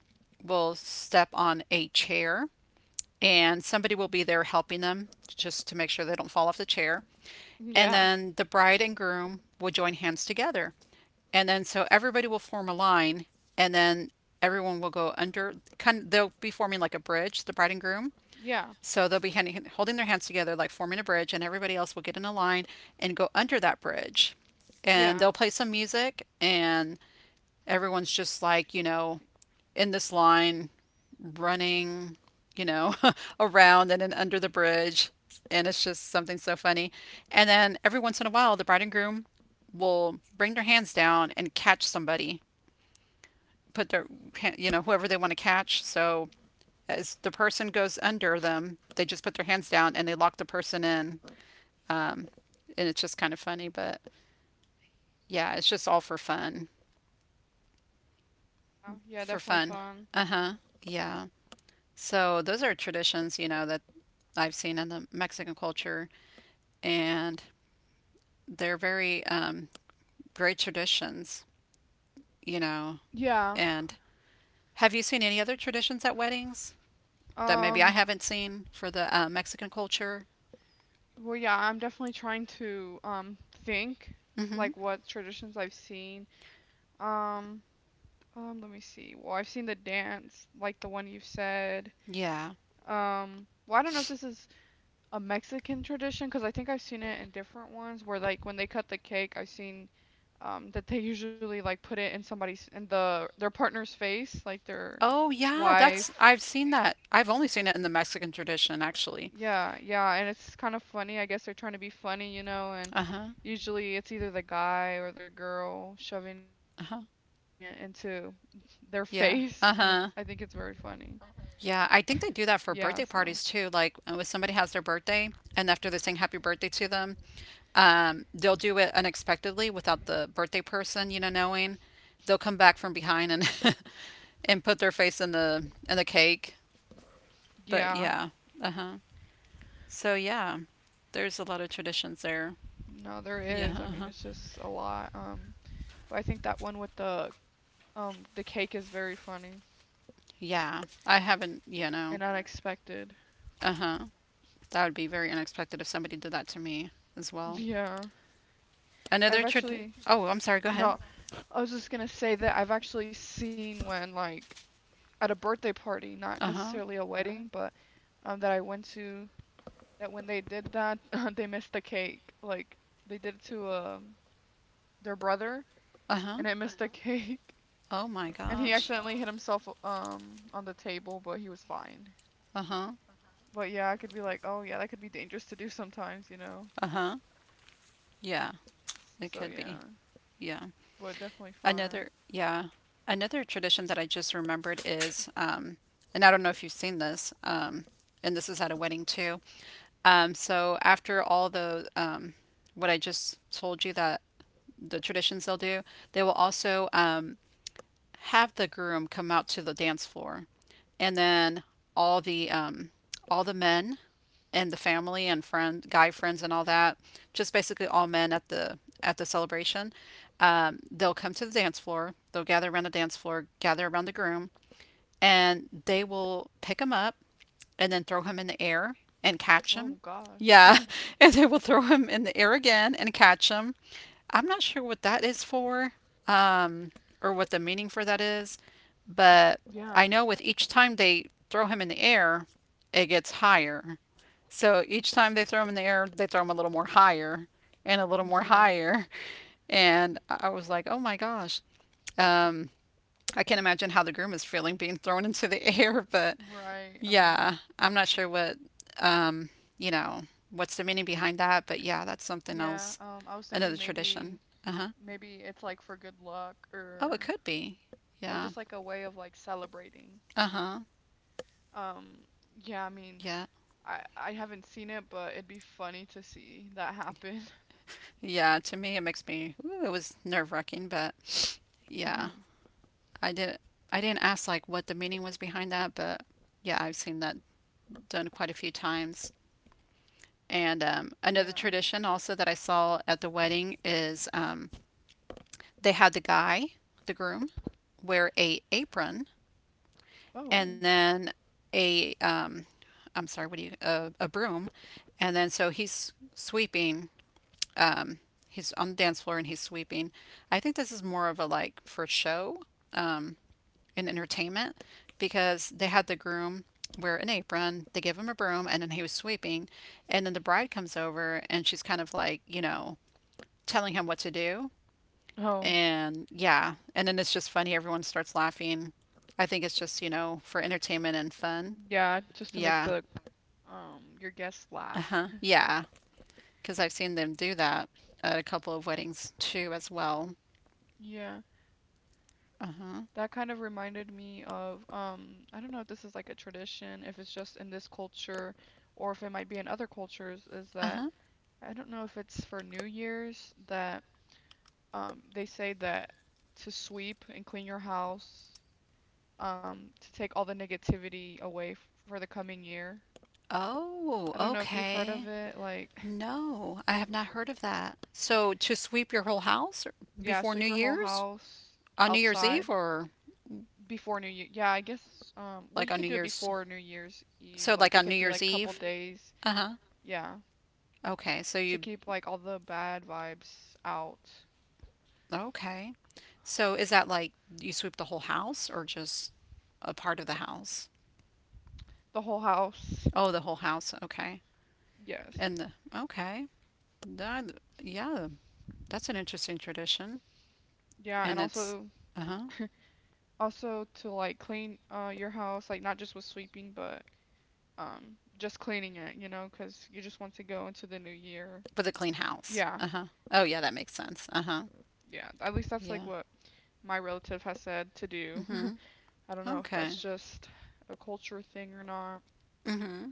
will step on a chair and somebody will be there helping them just to make sure they don't fall off the chair. And
Yeah.
then the bride and groom will join hands together. And then so everybody will form a line and then everyone will go under kind of, they'll be forming like a bridge, the bride and groom,
Yeah.
so they'll be holding their hands together, like forming a bridge, and everybody else will get in a line and go under that bridge. And
Yeah.
they'll play some music, and everyone's just like, you know, in this line, running, you know, around and then under the bridge. And it's just something so funny. And then every once in a while, the bride and groom will bring their hands down and catch somebody, put their, you know, whoever they want to catch. So as the person goes under them, they just put their hands down and they lock the person in. Um, and it's just kind of funny, but yeah, it's just all for fun.
Yeah,
For
definitely
fun.
fun.
Uh huh. Yeah. So those are traditions, you know, that I've seen in the Mexican culture, and they're very great traditions, you know.
Yeah.
And have you seen any other traditions at weddings that maybe I
Um,
haven't seen for the Mexican culture?
well, yeah, I'm definitely trying to think like
Hmm.
what traditions I've seen. Um, let me see. Well, I've seen the dance, like the one you said.
Yeah.
Well, I don't know if this is a Mexican tradition, because I think I've seen it in different ones where like when they cut the cake, I've seen that they usually like put it in somebody's in the their partner's face, like their
Oh yeah, that's
wife.
I've seen that. I've only seen it in the Mexican tradition actually.
Yeah, yeah, and it's kind of funny. I guess they're trying to be funny, you know, and
Uh-huh.
usually it's either the guy or the girl shoving it
Uh-huh.
into their face, and it's I think
Yeah.
it's very funny.
Uh-huh. Yeah, I
Yeah,
think
so
they do that for birthday parties too. Like when somebody has their birthday and after they sing happy birthday to them, they'll do it unexpectedly without the birthday person, you know, knowing. They'll come back from behind and and put their face in the cake.
yeah.
But yeah. Uh-huh. So yeah, there's a lot of traditions there.
No, there is. I
Yeah.
mean, it's
Uh-huh.
just a lot. But I think that one with the cake is very funny
Yeah. I haven't, you know.
and unexpected.
Uh huh. That would be very unexpected if somebody did that to me as well.
Yeah. I've
Another trad.
actually
Oh, I'm sorry. Go ahead.
No, I was just gonna say that I've actually seen when like at a birthday party, not
Uh huh.
necessarily a wedding, but that I went to that when they did that, they missed the cake. Like they did it to their brother
Uh huh.
and it missed the cake.
Oh my
And he
gosh.
accidentally hit himself on the table, but he was fine.
Uh huh.
But yeah, I could be like, oh yeah, that could be dangerous to do sometimes, you know.
Uh huh. Yeah,
Yes.
it
So
could be.
yeah,
Yeah.
but definitely fun.
Another. Yeah. Another tradition that I just remembered is, and I don't know if you've seen this, and this is at a wedding too. So after all the what I just told you that the traditions they'll do, they will also have the groom come out to the dance floor, and then all the um, all the men and the family and friend guy friends and all that, just basically all men at the celebration. They'll come to the dance floor. They'll gather around the dance floor, gather around the groom, and they will pick him up and then throw him in the air and catch him.
Oh gosh.
Yeah, and they will throw him in the air again and catch him. I'm not sure what that is for, um, or what the meaning for that is, but I
Yeah.
know with each time they throw him in the air, it gets higher. So each time they throw him in the air, they throw him a little more higher and a little more
Yeah.
higher. And I was like, oh my gosh. Um, I can't imagine how the groom is feeling being thrown into the air, but
Right. I mean,
yeah, I'm not sure what, um, you know, what's the meaning behind that, but yeah, that's something
yeah.
else,
I was
another
thinking
tradition.
maybe
Uh huh.
maybe it's like for good luck
Oh, it could be.
or
Yeah.
just like a way of like celebrating.
Uh huh.
Um, yeah, I mean,
Yeah.
I haven't seen it, but it'd be funny to see that happen.
Yeah. To me, it makes me. Ooh, it was nerve wracking, but yeah, I did. not I didn't ask like what the meaning was behind that, but yeah, I've seen that done quite a few times. And another
Yeah.
tradition also that I saw at the wedding is they had the guy, the groom, wear a apron,
Oh.
and then a I'm sorry, what do you a broom, and then so he's sweeping. Um, he's on the dance floor and he's sweeping. I think this is more of a like for show um, and entertainment, because they had the groom wear an apron, they give him a broom, and then he was sweeping, and then the bride comes over and she's kind of like, you know, telling him what to do,
Oh.
and yeah, and then it's just funny. Everyone starts laughing. I think it's just, you know, for entertainment and fun.
Yeah, just to make
Yeah.
the your guests laugh.
Uh-huh. Yeah. Because I've seen them do that at a couple of weddings too, as well.
Yeah.
Uh-huh.
That kind of reminded me of I don't know if this is like a tradition, if it's just in this culture or if it might be in other cultures, is that
Uh-huh.
I don't know if it's for New Year's that they say that to sweep and clean your house, to take all the negativity away f for the coming year.
Oh,
I don't know if you've heard of
okay.
it, like
No, I have not heard of that. So to sweep your whole house or
yeah,
before
sweep
New
your whole
Year's?
house
On New Year's
outside.
Eve or
Before New Year. Yeah, I guess well
like
you
on
could
New
do it
Year's?
before New Year's Eve.
So like
Like it
on New
could be
Year's
like couple
Eve?
days.
Uh-huh.
Yeah.
Okay. So
To
you,
keep like all the bad vibes out.
okay. So is that like you sweep the whole house or just a part of the house?
The whole house.
Oh, the whole house. Okay.
Yes.
And the, okay. That, yeah, that's an interesting tradition.
Yeah, and
And it's,
also
uh-huh,
also to like clean your house like not just with sweeping but just cleaning it, you know, 'cause you just want to go into the new year.
with a clean house.
Yeah.
Uh-huh. Oh, yeah, that makes sense. Uh-huh.
Yeah. At least that's like
Yeah.
what my relative has said to do.
Mm-hmm.
I don't know if
Okay.
that's just a culture thing or not.
Mm-hmm.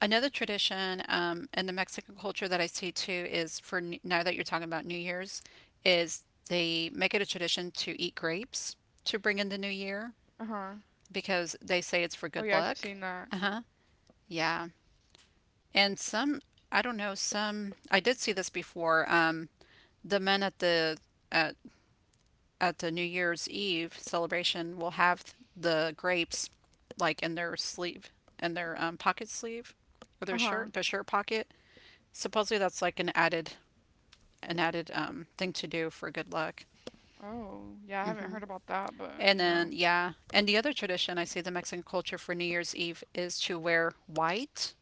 Another tradition in the Mexican culture that I see too is for now that you're talking about New Year's, is they make it a tradition to eat grapes to bring in the new year,
Uh-huh.
because they say it's for
Oh
good
yeah, I've
luck.
seen that.
Uh huh. Yeah. And some, I don't know, some, I did see this before. The men at at, at the New Year's Eve celebration will have the grapes like in their sleeve, in their pocket sleeve, or
Uh-huh.
their shirt pocket. Supposedly that's like an added, an added thing to do for good luck.
Oh, yeah, I haven't
Hmm.
heard about that, but
And
you
then
know.
yeah, and the other tradition I see the Mexican culture for New Year's Eve is to wear white.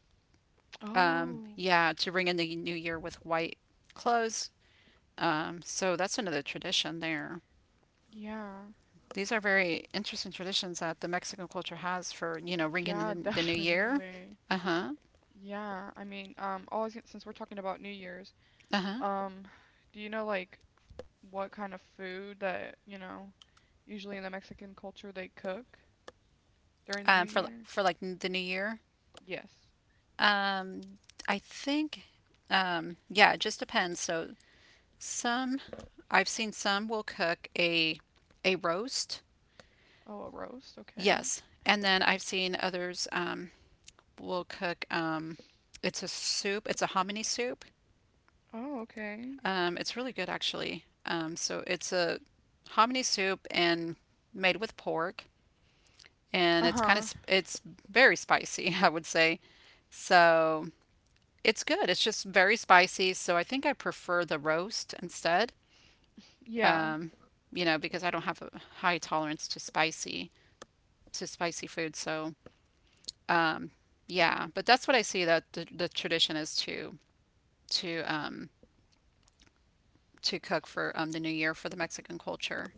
Oh,
Yeah, to ring in the new year with white clothes. So that's another tradition there.
yeah.
These are very interesting traditions that the Mexican culture has for, you know, ringing
Yeah,
in the new year.
definitely.
Uh-huh.
Yeah, I mean, all since we're talking about New Year's,
Uh-huh.
um, do you know like what kind of food that, you know, usually in the Mexican culture they cook during the New
For
Year?
like the new year.
Yes.
Um, I think yeah, it just depends. So some, I've seen some will cook a roast.
Oh, a roast, okay.
Yes. And then I've seen others, we'll cook it's a soup. It's a hominy soup.
Oh, okay.
It's really good actually. So it's a hominy soup and made with pork, and it's
Uh-huh.
kind of it's very spicy, I would say. So it's good. It's just very spicy. So I think I prefer the roast instead.
Yeah.
Um, you know, because I don't have a high tolerance to spicy food. So um, yeah, but that's what I see that the tradition is to to um, to cook for the new year for the Mexican culture.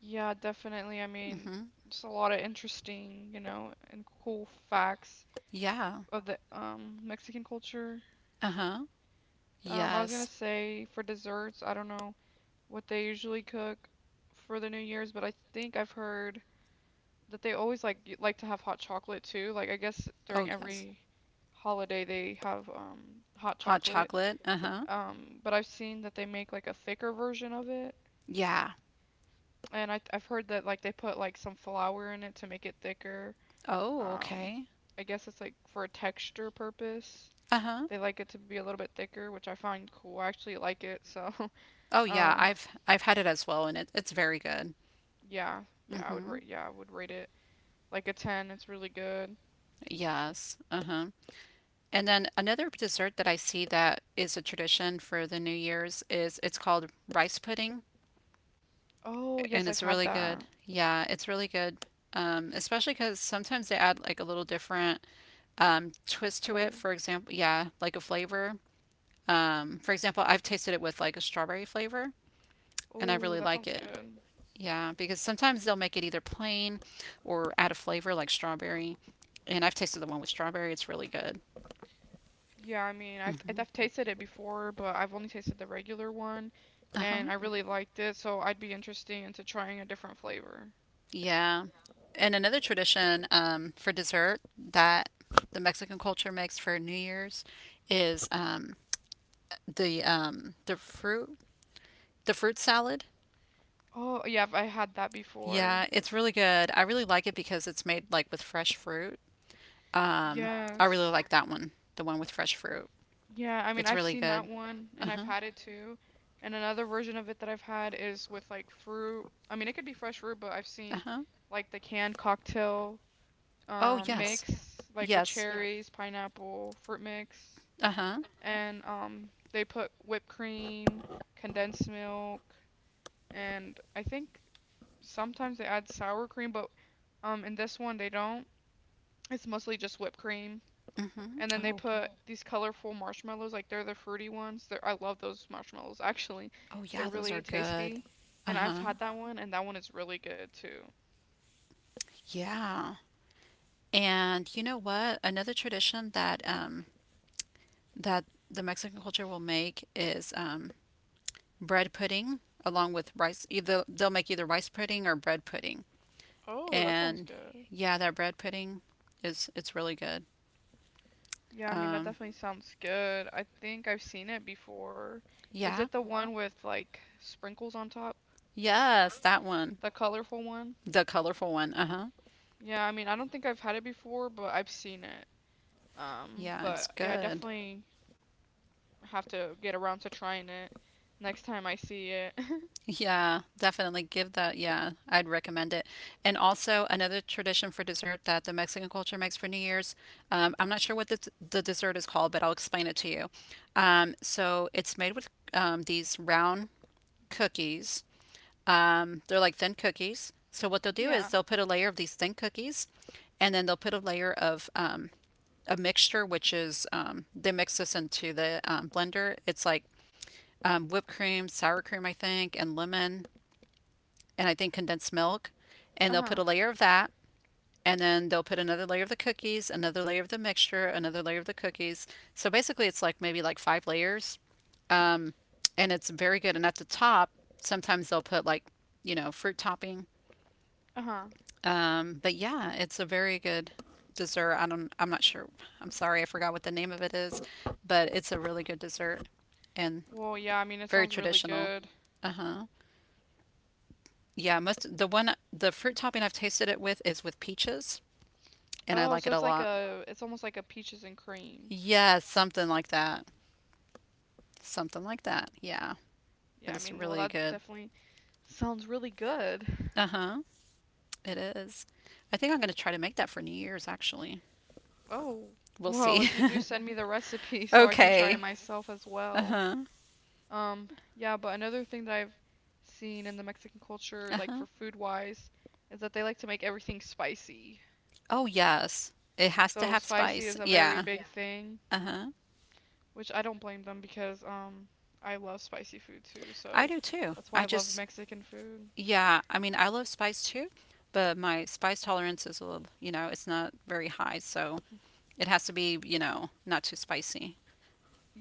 Yeah, definitely. I mean,
Hmm.
just a lot of interesting, you know, and cool facts
Yeah.
of the Mexican culture.
Uh huh.
I was gonna
Yes.
say for desserts, I don't know what they usually cook for the New Year's, but I think I've heard that they always like like to have hot chocolate too. Like I guess
Oh,
during
yes.
every holiday they have hot
Hot
chocolate.
chocolate. Uh huh.
But I've seen that they make like a thicker version of it,
Yeah.
and I've heard that like they put like some flour in it to make it thicker.
Oh,
Um,
okay.
I guess it's like for a texture purpose.
Uh huh.
They like it to be a little bit thicker, which I find cool. I actually like it. So,
Oh, yeah.
um,
I've had it as well, and it's very good.
yeah,
Hmm.
yeah, I would rate it like a 10. It's really good.
Yes. Uh huh. And then another dessert that I see that is a tradition for the New Year's is it's called rice pudding,
Oh, yes,
and
I've
it's
had
really
that
good. Yeah, it's really good. Especially because sometimes they add like a little different twist to it,
flavor.
for example, yeah, like a flavor. For example, I've tasted it with like a strawberry flavor, and I
Oh,
really
that
like
sounds
it.
good.
Yeah, because sometimes they'll make it either plain or add a flavor like strawberry. And I've tasted the one with strawberry, it's really good.
Yeah, I mean, I've
Hmm.
I've tasted it before, but I've only tasted the regular one,
Uh-huh.
and I really liked it, so I'd be interested into trying a different flavor.
Yeah. And another tradition for dessert that the Mexican culture makes for New Year's is the um, the fruit the fruit salad.
Oh, yeah, I had that before.
Yeah, it's really good. I really like it because it's made like with fresh fruit. Um, I really
Yes.
like that one, the one with fresh fruit.
Yeah, I mean,
It's
I've
really
seen that
good.
one and I've
Uh-huh.
had it too. And another version of it that I've had is with like fruit. I mean, it could be fresh fruit, but I've seen
Uh-huh.
like the canned cocktail
Oh,
Oh, yeah.
yes.
mix like with Yes.
Yes.
cherries, pineapple, fruit mix,
Uh-huh.
Uh-huh. and they put whipped cream, condensed milk, and I think sometimes they add sour cream, but in this one they don't. It's mostly just whipped cream
Mm-hmm.
and then they
Oh,
put these colorful marshmallows, like they're the fruity ones. I love those marshmallows, actually.
oh
They're
yeah, those are
really
good.
tasty. And I've
Uh-huh.
had that one, and that one is really good too.
Yeah. And you know what? Another tradition that that the Mexican culture will make is bread pudding along with rice. Either they'll make either rice pudding or bread pudding.
Oh, that sounds
And
good.
yeah, that bread pudding is, it's really good.
Yeah, I mean, that
Um,
definitely sounds good. I think I've seen it before. Is
yeah,
it the one with like sprinkles on top?
yes, that one,
The colorful one?
the colorful one. Uh huh.
Yeah, I mean, I don't think I've had it before, but I've seen it.
Yeah, it's
But yeah, I
good.
definitely have to get around to trying it next time I see it.
Yeah, definitely give that. Yeah, I'd recommend it. And also another tradition for dessert that the Mexican culture makes for New Year's. I'm not sure what the dessert is called, but I'll explain it to you. So it's made with these round cookies. They're like thin cookies. So what they'll do
Yeah.
is they'll put a layer of these thin cookies, and then they'll put a layer of a mixture, which is, they mix this into the blender. It's like whipped cream, sour cream, I think, and lemon, and I think condensed milk. And they'll put
Uh-huh.
a layer of that, and then they'll put another layer of the cookies, another layer of the mixture, another layer of the cookies. So basically, it's like maybe like five layers, um, and it's very good. And at the top, sometimes they'll put like, you know, fruit topping.
Uh-huh.
But yeah, it's a very good dessert. I'm not sure. I'm sorry, I forgot what the name of it is, but it's a really good dessert and
Well, yeah, I mean, it
very
sounds really
traditional.
good.
Uh huh. Yeah, most the one the fruit topping I've tasted it with is with peaches, and I
Oh,
like
so
it a
it's like
lot.
a, it's almost like a peaches and cream.
Yeah, something like that. Something like that. Yeah,
Yeah,
but
I
it's
mean, well,
really
that
good.
definitely sounds really good.
Uh huh. It is. I think I'm gonna try to make that for New Year's actually.
Oh,
We'll
well,
see.
if you do send me the recipe so I can try it
Okay.
myself as
Uh
well.
huh.
Um, yeah, but another thing that I've seen in the Mexican culture,
Uh
like
huh.
for food wise, is that they like to make everything spicy.
Oh, yes. It has
So
to have
spicy is a
spice.
very
Yeah.
big thing,
Uh-huh.
which I don't blame them because I love spicy food too,
I
so
do too.
that's why I love Mexican food.
Yeah, I mean, I love spice too, but my spice tolerance is a little, you know, it's not very high, so it has to be, you know, not too spicy.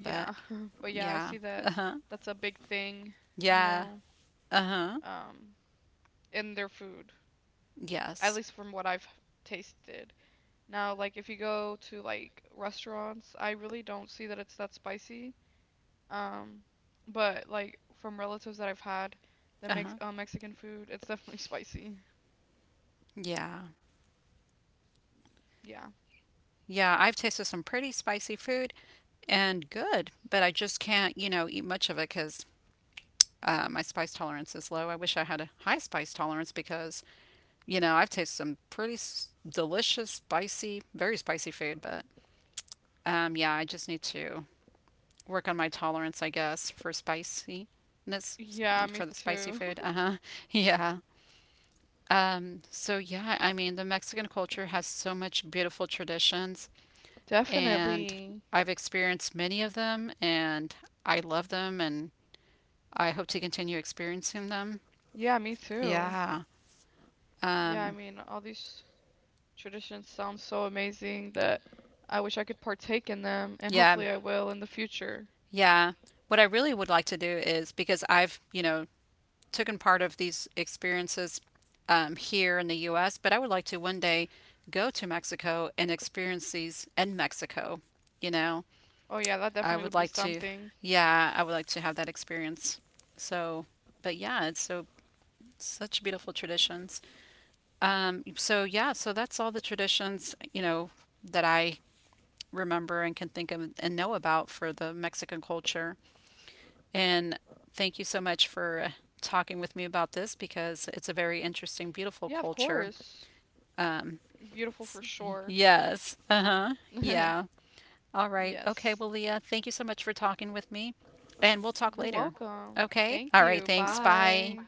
But
But yeah, I
yeah.
see that
Uh-huh.
that's a big thing, you
Yeah.
know,
Uh-huh.
um, in their food, at
Yes.
least from what I've tasted. Now, like if you go to like restaurants, I really don't see that it's that spicy. Um, but like from relatives that I've had that makes
Uh-huh.
Mexican food, it's definitely spicy.
Yeah.
Yeah.
Yeah, I've tasted some pretty spicy food and good, but I just can't, you know, eat much of it because my spice tolerance is low. I wish I had a high spice tolerance because, you know, I've tasted some pretty delicious, spicy, very spicy food, but yeah, I just need to work on my tolerance, I guess, for spiciness,
Yeah, me
for the spicy
too.
food. Uh huh. Yeah. So yeah, I mean, the Mexican culture has so much beautiful traditions, and
Definitely.
I've experienced many of them, and I love them, and I hope to continue experiencing them.
Yeah, me too.
Yeah.
Yeah, I
Um,
mean, all these traditions sound so amazing that I wish I could partake in them, and
yeah.
hopefully I will in the future.
Yeah. What I really would like to do is because I've, you know, taken part of these experiences here in the U.S., but I would like to one day go to Mexico and experience these in Mexico. You know,
Oh yeah, that
I
definitely
would
would be
like to,
something.
yeah, I would like to have that experience. So, but yeah, it's so such beautiful traditions. So yeah, so that's all the traditions, you know, that I remember and can think of and know about for the Mexican culture. And thank you so much for talking with me about this because it's a very
Yeah, of
interesting, beautiful
course.
culture. Um,
Beautiful for sure.
s- yes. Uh huh. Yeah. All right.
Yes.
Okay. Well, Leah, thank you so much for talking with me. And we'll
You're
talk later.
welcome.
Okay.
Thank
All
you.
right. Thanks.
Bye.
Bye.